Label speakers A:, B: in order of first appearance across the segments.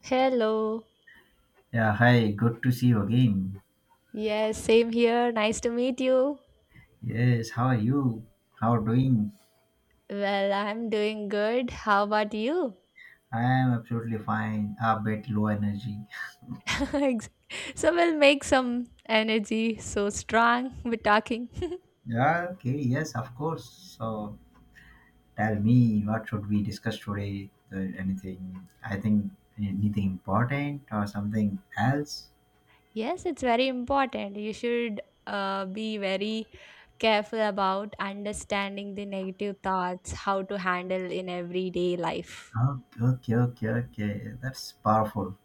A: Hello.
B: Yeah, hi, good to see you again.
A: Yes, same here. Nice to meet you.
B: Yes, how are you? How are doing?
A: Well, I'm doing good. How about you?
B: I am absolutely fine, a bit low energy.
A: Ex- so we'll make some energy so strong with talking.
B: Yeah, okay, yes, of course. So tell me, what should we discuss today? Anything, I think anything important or something else?
A: Yes, it's very important. You should be very careful about understanding the negative thoughts, how to handle in everyday life.
B: Okay, okay, okay, okay. That's powerful.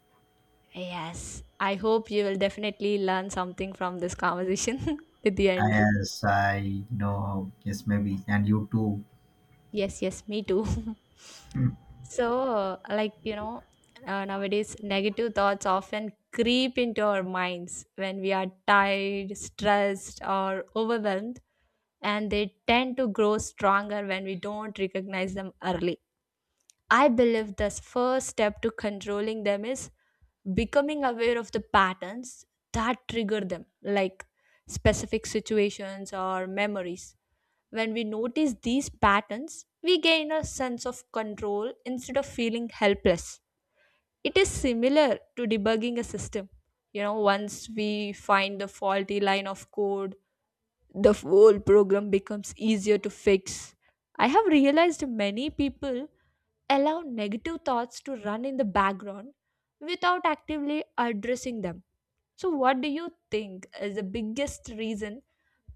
A: Yes, I hope you will definitely learn something from this conversation at the end.
B: As I know, yes, maybe, and you too.
A: Yes, yes, me too. So, like, nowadays negative thoughts often creep into our minds when we are tired, stressed, or overwhelmed, and they tend to grow stronger when we don't recognize them early. I believe the first step to controlling them is becoming aware of the patterns that trigger them, like specific situations or memories. When we notice these patterns, we gain a sense of control instead of feeling helpless. It is similar to debugging a system. Once we find the faulty line of code, the whole program becomes easier to fix. I have realized many people allow negative thoughts to run in the background without actively addressing them. So, what do you think is the biggest reason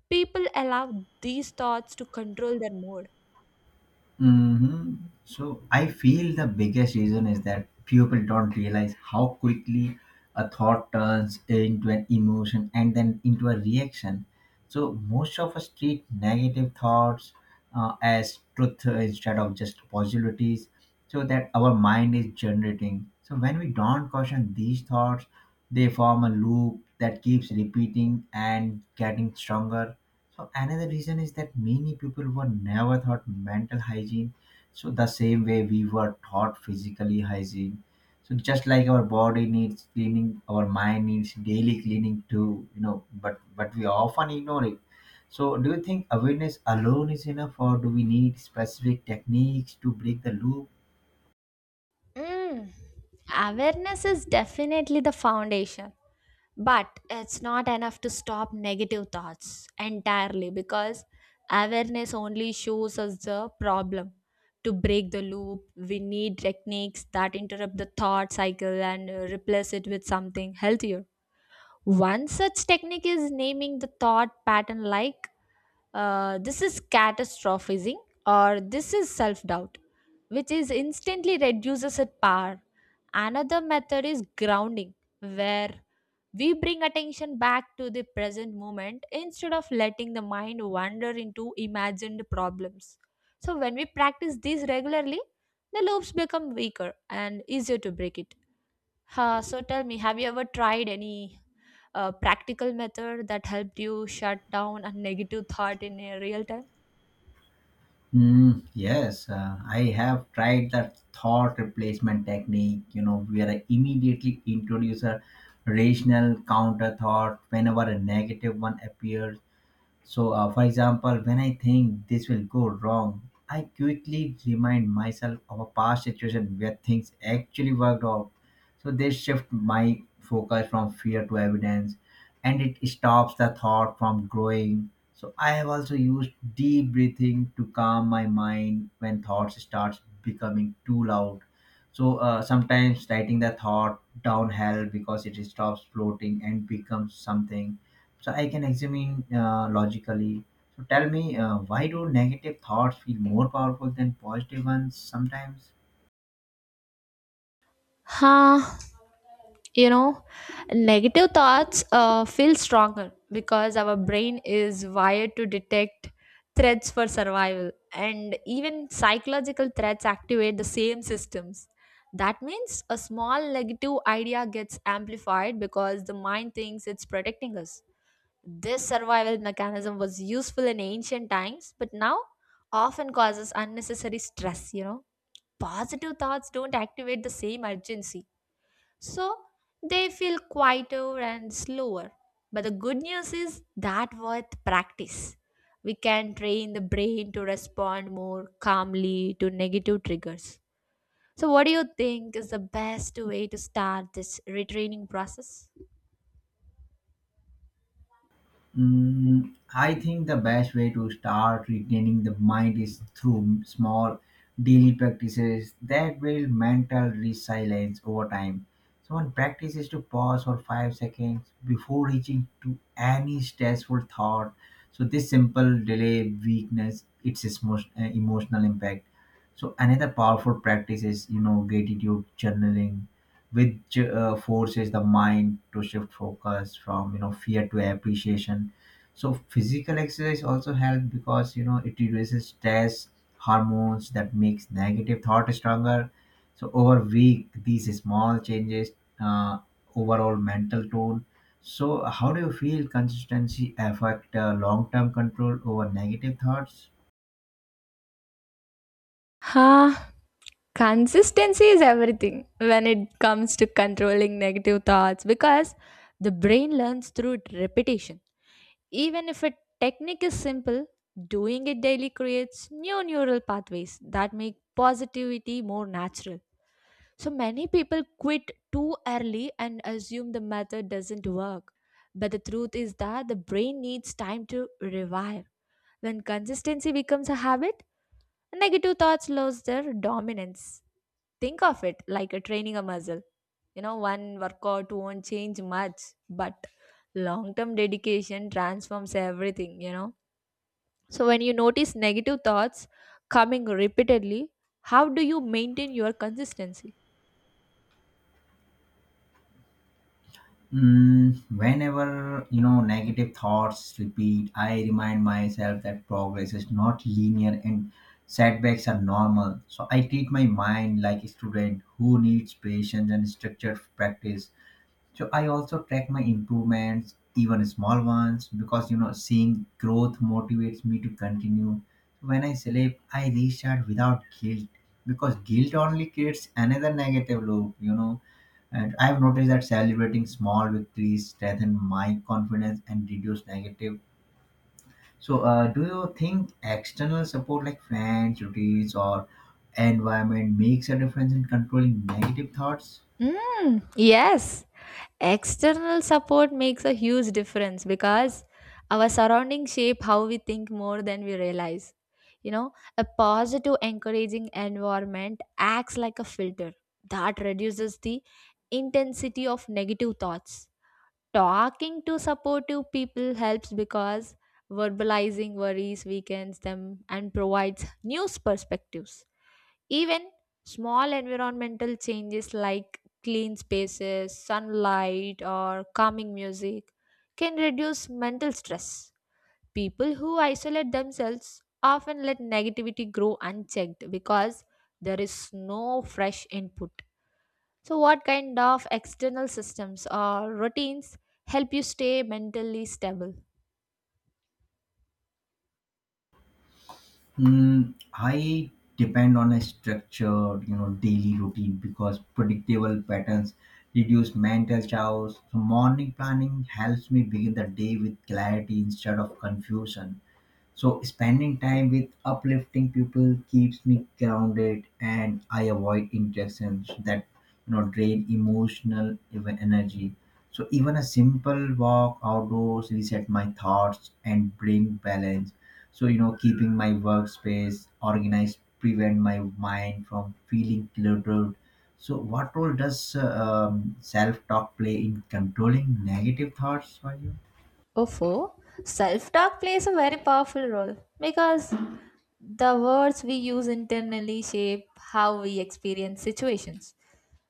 A: people allow these thoughts to control their mood?
B: hmm So I feel the biggest reason is that people don't realize how quickly a thought turns into an emotion and then into a reaction. So most of us treat negative thoughts as truth instead of just possibilities, so that our mind is generating. So when we don't caution these thoughts, they form a loop that keeps repeating and getting stronger. So another reason is that many people were never taught mental hygiene. So the same way we were taught physically hygiene. So just like our body needs cleaning, our mind needs daily cleaning too. You know, but we often ignore it. So do you think awareness alone is enough, or do we need specific techniques to break the loop?
A: Mm. Awareness is definitely the foundation, but it's not enough to stop negative thoughts entirely because awareness only shows us the problem. To break the loop, we need techniques that interrupt the thought cycle and replace it with something healthier. One such technique is naming the thought pattern like this is catastrophizing or this is self doubt, which is instantly reduces its power. Another method is grounding, where we bring attention back to the present moment instead of letting the mind wander into imagined problems. So, when we practice these regularly, the loops become weaker and easier to break it. So tell me, have you ever tried any practical method that helped you shut down a negative thought in a real time?
B: Mm, yes, I have tried that thought replacement technique, you know, where I immediately introduce a rational counter thought whenever a negative one appears. So, for example, when I think this will go wrong, I quickly remind myself of a past situation where things actually worked out. So, they shift my focus from fear to evidence and it stops the thought from growing. So, I have also used deep breathing to calm my mind when thoughts start becoming too loud. So, sometimes writing the thought down helps because it stops floating and becomes something so I can examine logically. So tell me, why do negative thoughts feel more powerful than positive ones sometimes?
A: Huh, you know, negative thoughts feel stronger because our brain is wired to detect threats for survival, and even psychological threats activate the same systems. That means a small negative idea gets amplified because the mind thinks it's protecting us. This survival mechanism was useful in ancient times, but now often causes unnecessary stress. Positive thoughts don't activate the same urgency, so they feel quieter and slower. But the good news is that with practice, we can train the brain to respond more calmly to negative triggers. So, what do you think is the best way to start this retraining process?
B: Mm, I think the best way to start retaining the mind is through small daily practices that build mental resilience over time. So, one practice is to pause for 5 seconds before reaching to any stressful thought. So, this simple delay weakness its emotional impact. So, another powerful practice is, you know, gratitude journaling, which forces the mind to shift focus from, you know, fear to appreciation. So physical exercise also helps because, you know, it reduces stress hormones that makes negative thought stronger. So over week these small changes uh, overall mental tone. So how do you feel consistency affect long-term control over negative thoughts?
A: Ha! Consistency is everything when it comes to controlling negative thoughts because the brain learns through repetition. Even if a technique is simple, doing it daily creates new neural pathways that make positivity more natural. So many people quit too early and assume the method doesn't work. But the truth is that the brain needs time to revive. When consistency becomes a habit, negative thoughts lose their dominance. Think of it like a training a muscle. One workout won't change much, but long term dedication transforms everything. So, when you notice negative thoughts coming repeatedly, how do you maintain your consistency?
B: Mm, whenever, you know, negative thoughts repeat, I remind myself that progress is not linear and setbacks are normal. So I treat my mind like a student who needs patience and structured practice. So I also track my improvements, even small ones, because, you know, seeing growth motivates me to continue. When I sleep, I restart without guilt because guilt only creates another negative loop. And I've noticed that celebrating small victories strengthen my confidence and reduce negative. So, do you think external support like friends, routines, or environment makes a difference in controlling negative thoughts?
A: Mm, yes, external support makes a huge difference because our surroundings shape how we think more than we realize. A positive, encouraging environment acts like a filter that reduces the intensity of negative thoughts. Talking to supportive people helps because verbalizing worries weakens them and provides new perspectives. Even small environmental changes like clean spaces, sunlight, or calming music can reduce mental stress. People who isolate themselves often let negativity grow unchecked because there is no fresh input. So, what kind of external systems or routines help you stay mentally stable?
B: Mm, I depend on a structured, you know, daily routine because predictable patterns reduce mental chaos. So morning planning helps me begin the day with clarity instead of confusion. So spending time with uplifting people keeps me grounded, and I avoid interactions that, you know, drain emotional energy. So even a simple walk outdoors reset my thoughts and bring balance. So, you know, keeping my workspace organized prevent my mind from feeling cluttered. So what role does self-talk play in controlling negative thoughts for you?
A: Ofo, self talk plays a very powerful role because the words we use internally shape how we experience situations.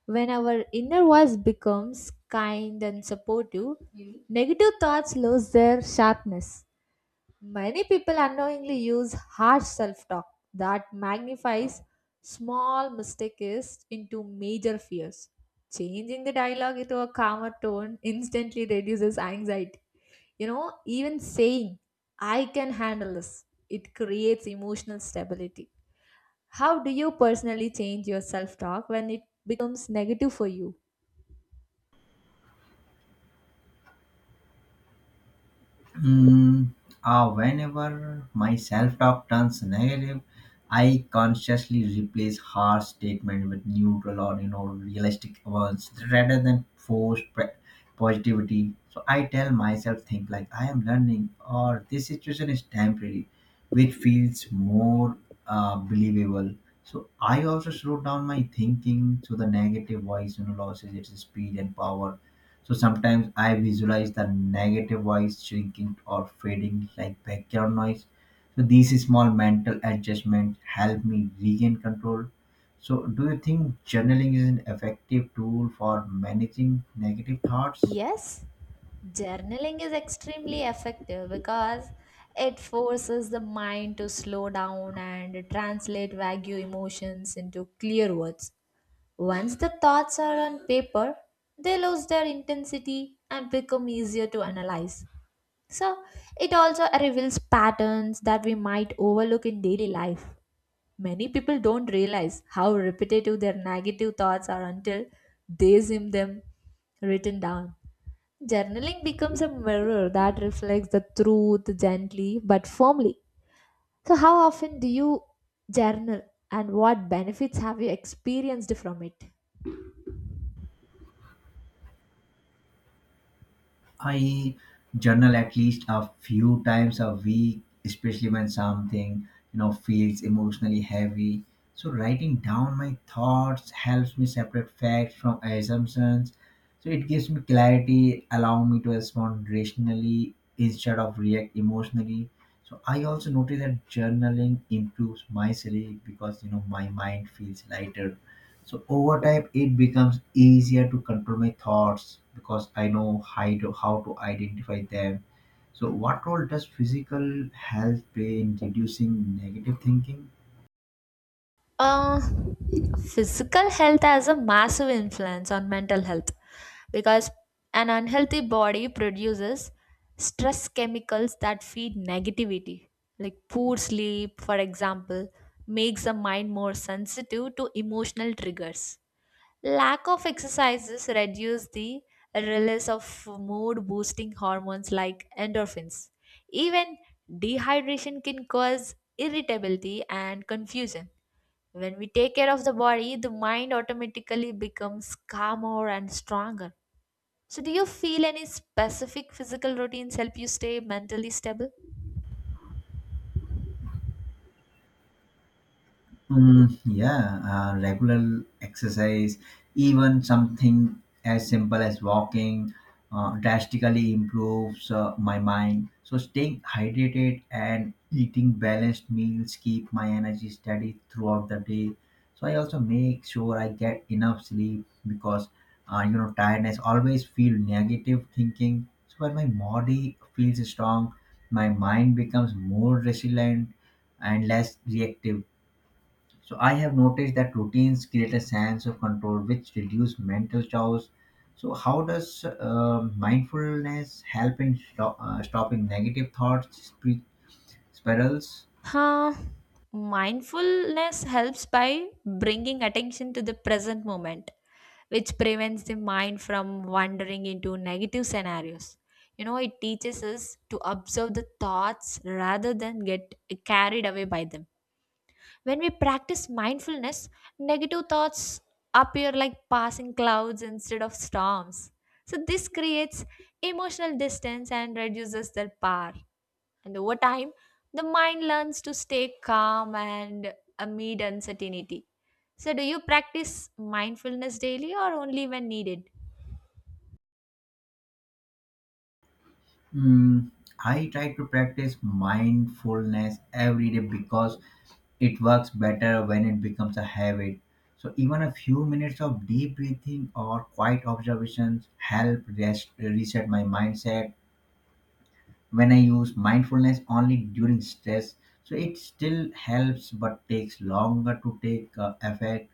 A: When our inner voice becomes kind and supportive, negative thoughts lose their sharpness. Many people unknowingly use harsh self talk that magnifies small mistakes into major fears. Changing the dialogue into a calmer tone instantly reduces anxiety. Even saying, I can handle this, it creates emotional stability. How do you personally change your self talk when it becomes negative for you?
B: Mm, whenever my self talk turns negative, I consciously replace harsh statement with neutral or, you know, realistic ones rather than forced positivity. So I tell myself things like I am learning or this situation is temporary, which feels more believable. So I also slow down my thinking so the negative voice, you know, loses its speed and power. So sometimes I visualize the negative voice shrinking or fading like background noise. So these small mental adjustments help me regain control. So do you think journaling is an effective tool for managing negative thoughts?
A: Yes, journaling is extremely effective because it forces the mind to slow down and translate vague emotions into clear words. Once the thoughts are on paper, they lose their intensity and become easier to analyze. So, it also reveals patterns that we might overlook in daily life. Many people don't realize how repetitive their negative thoughts are until they see them written down. Journaling becomes a mirror that reflects the truth gently but firmly. So, how often do you journal, and what benefits have you experienced from it?
B: I journal at least a few times a week, especially when something, you know, feels emotionally heavy. So writing down my thoughts helps me separate facts from assumptions. So it gives me clarity, allowing me to respond rationally instead of react emotionally. So I also notice that journaling improves my sleep because, you know, my mind feels lighter. So over time, it becomes easier to control my thoughts because I know how to identify them. So, what role does physical health play in reducing negative thinking?
A: Uh, physical health has a massive influence on mental health because an unhealthy body produces stress chemicals that feed negativity. Like poor sleep, for example, makes the mind more sensitive to emotional triggers. Lack of exercises reduce the release of mood boosting hormones like endorphins. Even dehydration can cause irritability and confusion. When we take care of the body, the mind automatically becomes calmer and stronger. So, do you feel any specific physical routines help you stay mentally stable?
B: Mm, yeah, regular exercise, even something as simple as walking, drastically improves my mind. So staying hydrated and eating balanced meals keep my energy steady throughout the day. So I also make sure I get enough sleep because you know tiredness always feel negative thinking. So when my body feels strong, my mind becomes more resilient and less reactive. So I have noticed that routines create a sense of control, which reduce mental chaos. So how does mindfulness help in stopping negative thoughts spirals?
A: Huh. Mindfulness helps by bringing attention to the present moment, which prevents the mind from wandering into negative scenarios. It teaches us to observe the thoughts rather than get carried away by them. When we practice mindfulness, negative thoughts appear like passing clouds instead of storms. So, this creates emotional distance and reduces their power. And over time, the mind learns to stay calm and amid uncertainty. So, do you practice mindfulness daily or only when needed?
B: Mm, I try to practice mindfulness every day because it works better when it becomes a habit. So even a few minutes of deep breathing or quiet observations help reset my mindset when I use mindfulness only during stress. So it still helps, but takes longer to take effect.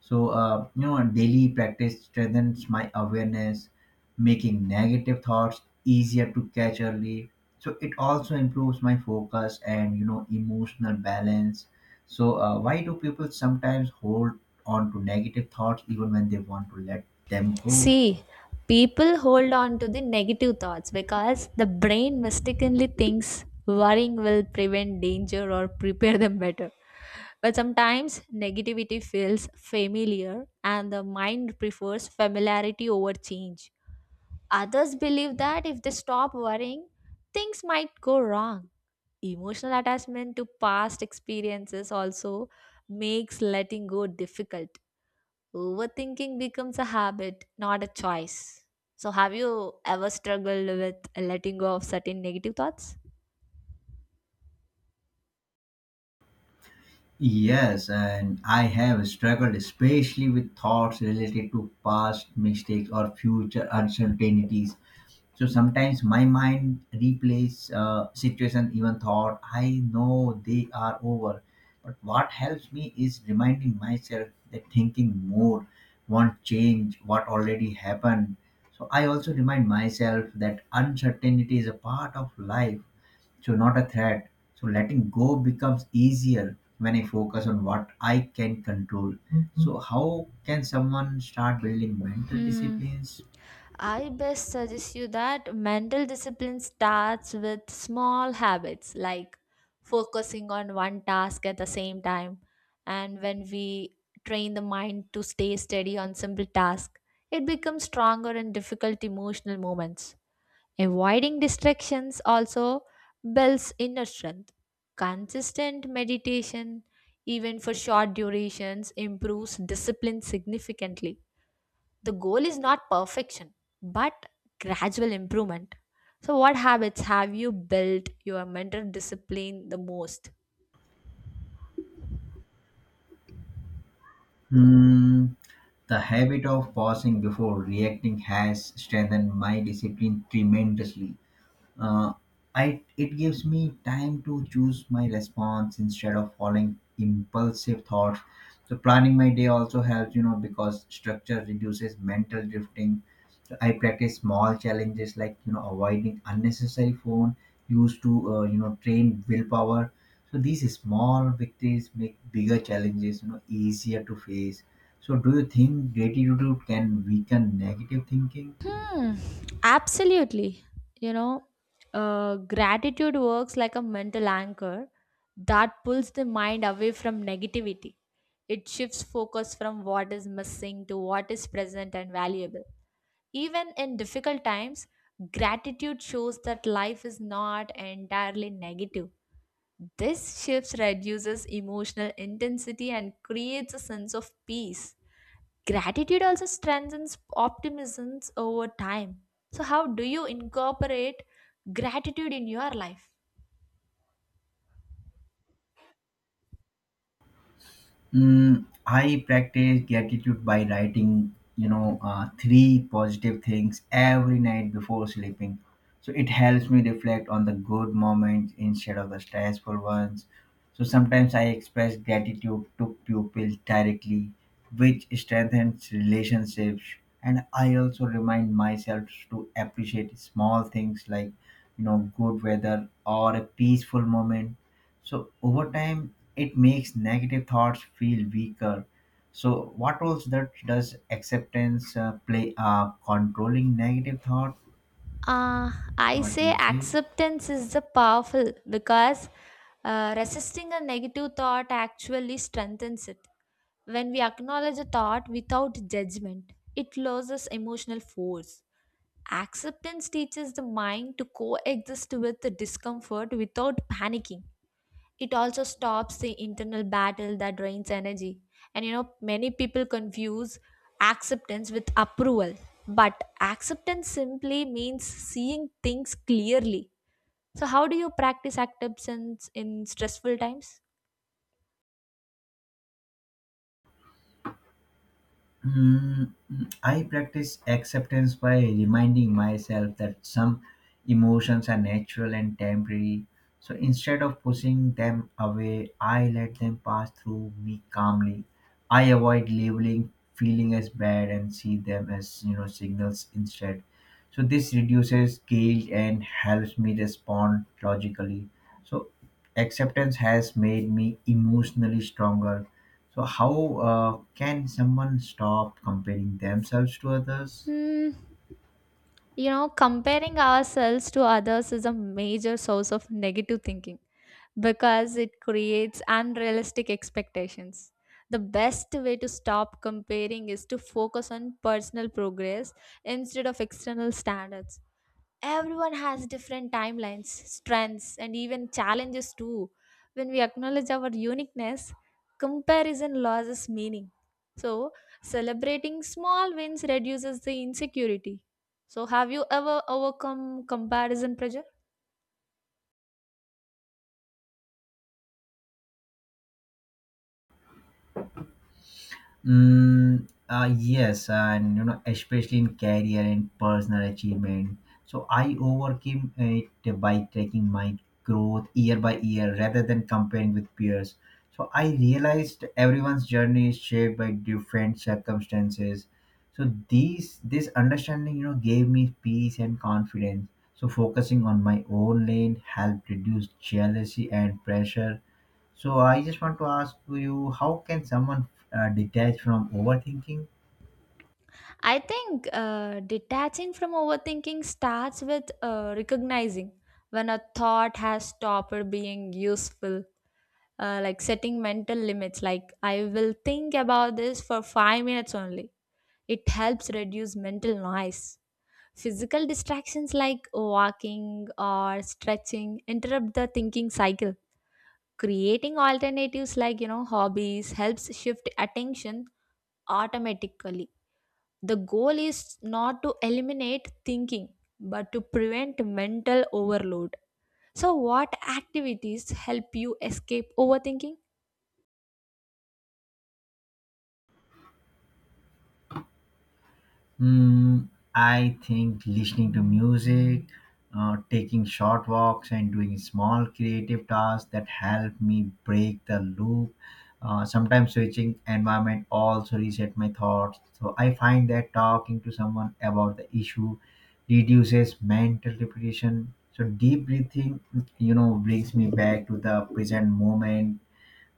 B: So you know, daily practice strengthens my awareness, making negative thoughts easier to catch early. So it also improves my focus and, you know, emotional balance. So why do people sometimes hold on to negative thoughts even when they want to let them go?
A: See, people hold on to the negative thoughts because the brain mistakenly thinks worrying will prevent danger or prepare them better. But sometimes negativity feels familiar and the mind prefers familiarity over change. Others believe that if they stop worrying, things might go wrong. Emotional attachment to past experiences also makes letting go difficult. Overthinking becomes a habit, not a choice. So, have you ever struggled with letting go of certain negative thoughts?
B: Yes, and I have struggled especially with thoughts related to past mistakes or future uncertainties. So sometimes my mind replays situation even thought I know they are over. But what helps me is reminding myself that thinking more won't change what already happened. So I also remind myself that uncertainty is a part of life, so not a threat, so letting go becomes easier when I focus on what I can control. Mhm. So how can someone start building mental
A: Hmm.
B: disciplines?
A: I best suggest you that mental discipline starts with small habits like focusing on one task at the same time. And when we train the mind to stay steady on simple tasks, it becomes stronger in difficult emotional moments. Avoiding distractions also builds inner strength. Consistent meditation, even for short durations, improves discipline significantly. The goal is not perfection, but gradual improvement. So, what habits have you built your mental discipline the most?
B: Hmm, the habit of pausing before reacting has strengthened my discipline tremendously. Uh, I it gives me time to choose my response instead of following impulsive thoughts. So planning my day also helps, you know, because structure reduces mental drifting. So I practice small challenges like, you know, avoiding unnecessary phone used to you know train willpower. So these small victories make bigger challenges, you know, easier to face. So do you think gratitude can weaken negative thinking?
A: Hmm, absolutely. You know, gratitude works like a mental anchor that pulls the mind away from negativity. It shifts focus from what is missing to what is present and valuable. Even in difficult times, gratitude shows that life is not entirely negative. This shift reduces emotional intensity and creates a sense of peace. Gratitude also strengthens optimism over time. So, how do you incorporate gratitude in your life?
B: Mm, I practice gratitude by writing, you know, three positive things every night before sleeping. So it helps me reflect on the good moments instead of the stressful ones. So sometimes I express gratitude to pupils directly, which strengthens relationships. And I also remind myself to appreciate small things like, you know, good weather or a peaceful moment. So over time, it makes negative thoughts feel weaker. So what roles that does acceptance play? Controlling negative thought.
A: Uh, I
B: What do
A: say
B: you say?
A: acceptance is the powerful because resisting a negative thought actually strengthens it. When we acknowledge a thought without judgment, it loses emotional force. Acceptance teaches the mind to coexist with the discomfort without panicking. It also stops the internal battle that drains energy. And many people confuse acceptance with approval, but acceptance simply means seeing things clearly. So, how do you practice acceptance in stressful times?
B: I practice acceptance by reminding myself that some emotions are natural and temporary. So instead of pushing them away, I let them pass through me calmly. I avoid labeling feeling as bad and see them as, you know, signals instead. So this reduces guilt and helps me respond logically. So acceptance has made me emotionally stronger. So how can someone stop comparing themselves to others?
A: Hmm. Comparing ourselves to others is a major source of negative thinking, because it creates unrealistic expectations. The best way to stop comparing is to focus on personal progress instead of external standards. Everyone has different timelines, strengths, and even challenges too. When we acknowledge our uniqueness, comparison loses meaning. So, celebrating small wins reduces the insecurity. So, have you ever overcome comparison pressure?
B: Mm, yes, and, you know, especially in career and personal achievement. So I overcame it by tracking my growth year by year rather than comparing with peers. So I realized everyone's journey is shaped by different circumstances. So these this understanding, you know, gave me peace and confidence. So focusing on my own lane helped reduce jealousy and pressure. So I just want to ask you, how can someone detach from overthinking?
A: I think detaching from overthinking starts with recognizing when a thought has stopped being useful, like setting mental limits, like I will think about this for 5 minutes only. It helps reduce mental noise. Physical distractions like walking or stretching interrupt the thinking cycle. Creating alternatives like, hobbies helps shift attention automatically. The goal is not to eliminate thinking, but to prevent mental overload. So, what activities help you escape overthinking?
B: Mm, I think listening to music, taking short walks, and doing small creative tasks that help me break the loop. Sometimes switching environment also reset my thoughts. So I find that talking to someone about the issue reduces mental repetition. So deep breathing, you know, brings me back to the present moment.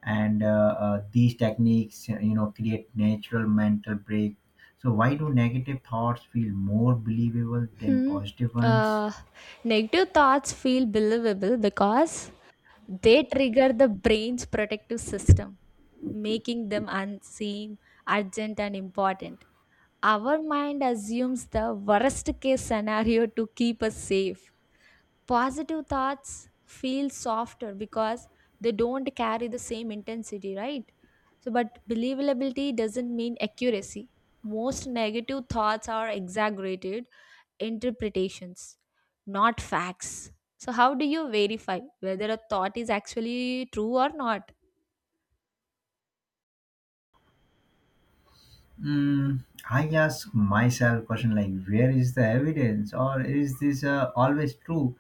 B: And these techniques, you know, create natural mental break. So why do negative thoughts feel more believable than
A: Hmm.
B: positive ones?
A: Uh, negative thoughts feel believable because they trigger the brain's protective system, making them unseem urgent and important. Our mind assumes the worst case scenario to keep us safe. Positive thoughts feel softer because they don't carry the same intensity, right? So, but believability doesn't mean accuracy. Most negative thoughts are exaggerated interpretations, not facts. So, how do you verify whether a thought is actually true or not?
B: Mm, I ask myself question like where is the evidence or is this always true.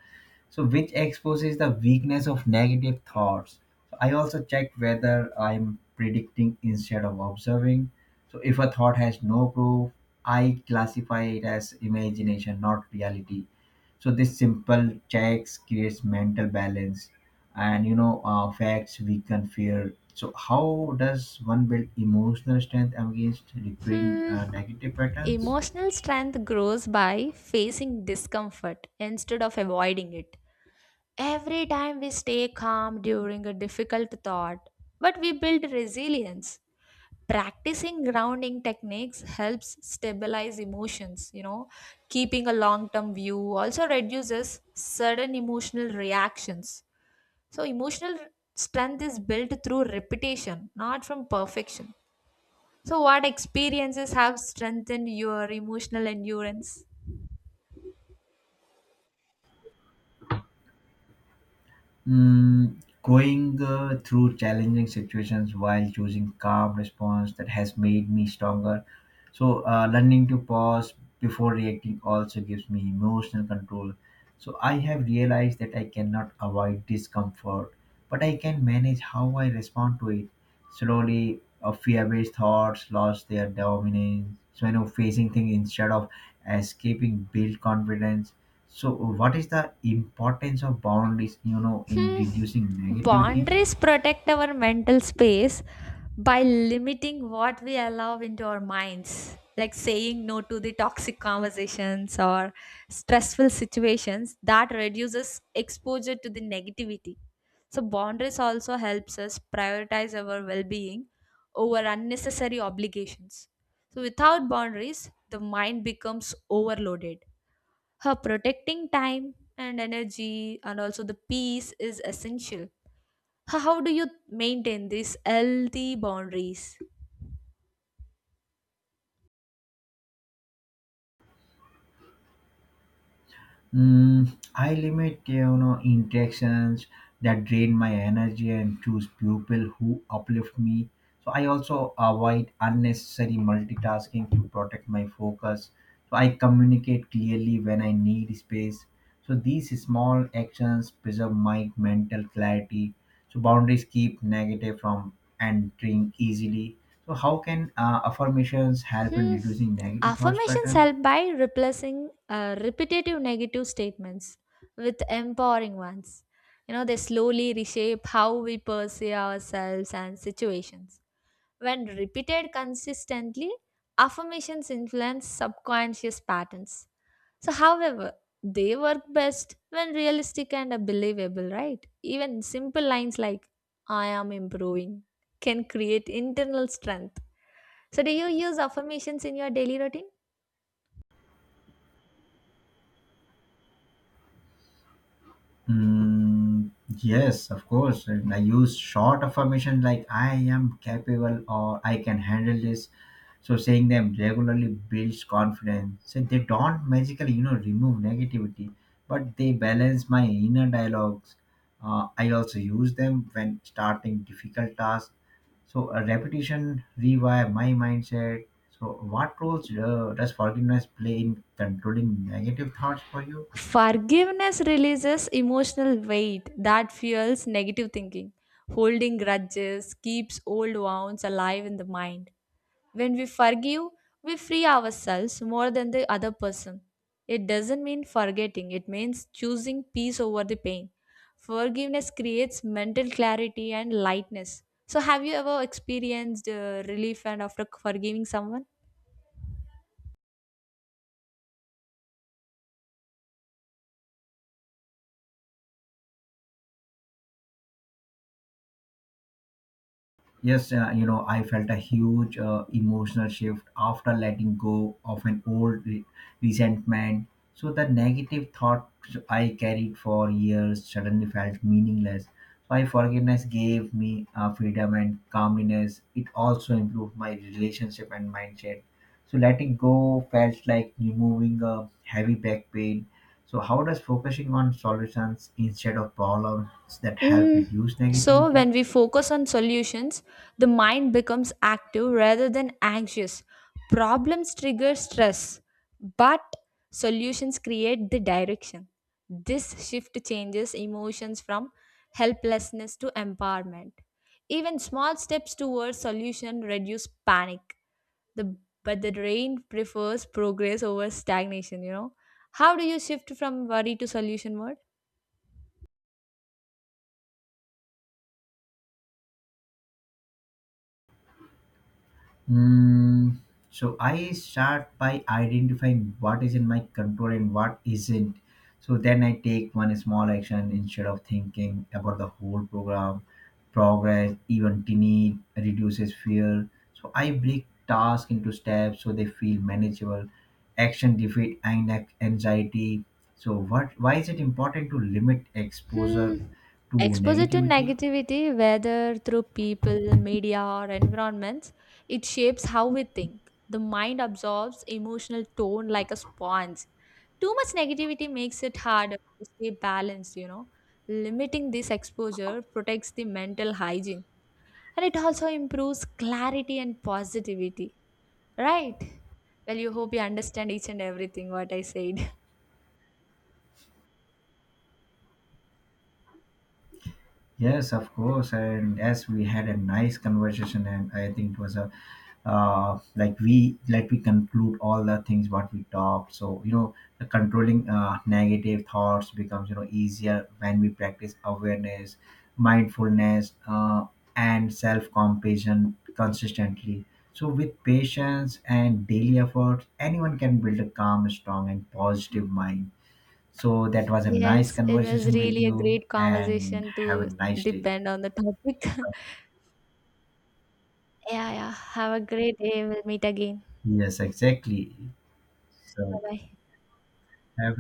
B: So which exposes the weakness of negative thoughts. So I also check whether I'm predicting instead of observing. So if a thought has no proof, I classify it as imagination, not reality. So this simple checks creates mental balance, and, you know, facts weaken fear. So how does one build emotional strength against recurring
A: Hmm.
B: negative patterns?
A: Emotional strength grows by facing discomfort instead of avoiding it. Every time we stay calm during a difficult thought, but we build resilience. Practicing grounding techniques helps stabilize emotions, keeping a long term view also reduces sudden emotional reactions. So, emotional strength is built through repetition, not from perfection. So, what experiences have strengthened your emotional endurance?
B: Mm, going through challenging situations while choosing calm response that has made me stronger. So learning to pause before reacting also gives me emotional control. So I have realized that I cannot avoid discomfort, but I can manage how I respond to it. Slowly, fear-based thoughts lost their dominance. So I know facing things instead of escaping build confidence. So what is the importance of boundaries? You know, in
A: Hmm.
B: reducing negativity.
A: Boundaries protect our mental space by limiting what we allow into our minds, like saying no to the toxic conversations or stressful situations that reduces exposure to the negativity. So boundaries also helps us prioritize our well-being over unnecessary obligations. So without boundaries, the mind becomes overloaded, her protecting time and energy and also the peace is essential. How do you maintain these healthy boundaries?
B: Mm, I limit, you know, interactions that drain my energy and choose people who uplift me. So I also avoid unnecessary multitasking to protect my focus. So I communicate clearly when I need space. So these small actions preserve my mental clarity. So boundaries keep negative from entering easily. So how can affirmations help in
A: Hmm.
B: reducing negative thoughts
A: Affirmations
B: pattern?
A: help by replacing repetitive negative statements with empowering ones. They slowly reshape how we perceive ourselves and situations. When repeated consistently, affirmations influence subconscious patterns. So, however, they work best when realistic and believable, right? Even simple lines like, I am improving, can create internal strength. So, do you use affirmations in your daily routine?
B: Mm, yes, of course. And I use short affirmation like I am capable or I can handle this. So saying them regularly builds confidence. So they don't magically, you know, remove negativity, but they balance my inner dialogues. I also use them when starting difficult tasks. So a repetition rewire my mindset. So what roles does forgiveness play in controlling negative thoughts for you?
A: Forgiveness releases emotional weight that fuels negative thinking. Holding grudges keeps old wounds alive in the mind. When we forgive, we free ourselves more than the other person. It doesn't mean forgetting, it means choosing peace over the pain. Forgiveness creates mental clarity and lightness. So, have you ever experienced relief and after forgiving someone?
B: Yes, you know, I felt a huge emotional shift after letting go of an old resentment. So the negative thoughts I carried for years suddenly felt meaningless. So I forgiveness gave me freedom and calmness. It also improved my relationship and mindset. So letting go felt like removing a heavy back pain. So how does focusing on solutions instead of problems that help
A: Mm,
B: reduce
A: So,
B: negativity?
A: when we focus on solutions, the mind becomes active rather than anxious. Problems trigger stress, but solutions create the direction. This shift changes emotions from helplessness to empowerment. Even small steps towards solution reduce panic. The but the brain prefers progress over stagnation. How do you shift from worry to solution mode?
B: Mm, so I start by identifying what is in my control and what isn't. So then I take one small action instead of thinking about the progress, even tiny reduces fear. So I break tasks into steps so they feel manageable. Action defeat and anxiety. So what? Why is it important to limit exposure
A: Hmm.
B: to
A: Exposure to
B: negativity?
A: negativity, whether through people, media, or environments, it shapes how we think. The mind absorbs emotional tone like a sponge. Too much negativity makes it harder to stay balanced. Limiting this exposure protects the mental hygiene, and it also improves clarity and positivity, right? Well, you hope you understand each and everything what I said.
B: Yes, of course. And as we had a nice conversation, and I think it was a like we conclude all the things what we talked. So, you know, the controlling negative thoughts becomes, you know, easier when we practice awareness, mindfulness, and self compassion consistently. So with patience and daily efforts, anyone can build a calm, strong, and positive mind. So that was a nice
A: Yes, it was
B: conversation with
A: really a
B: you
A: great
B: and
A: conversation
B: have a
A: to
B: nice day.
A: depend on the topic. Yeah, yeah. Have a great day. We'll meet again.
B: Yes, exactly.
A: Bye
B: So
A: bye.
B: have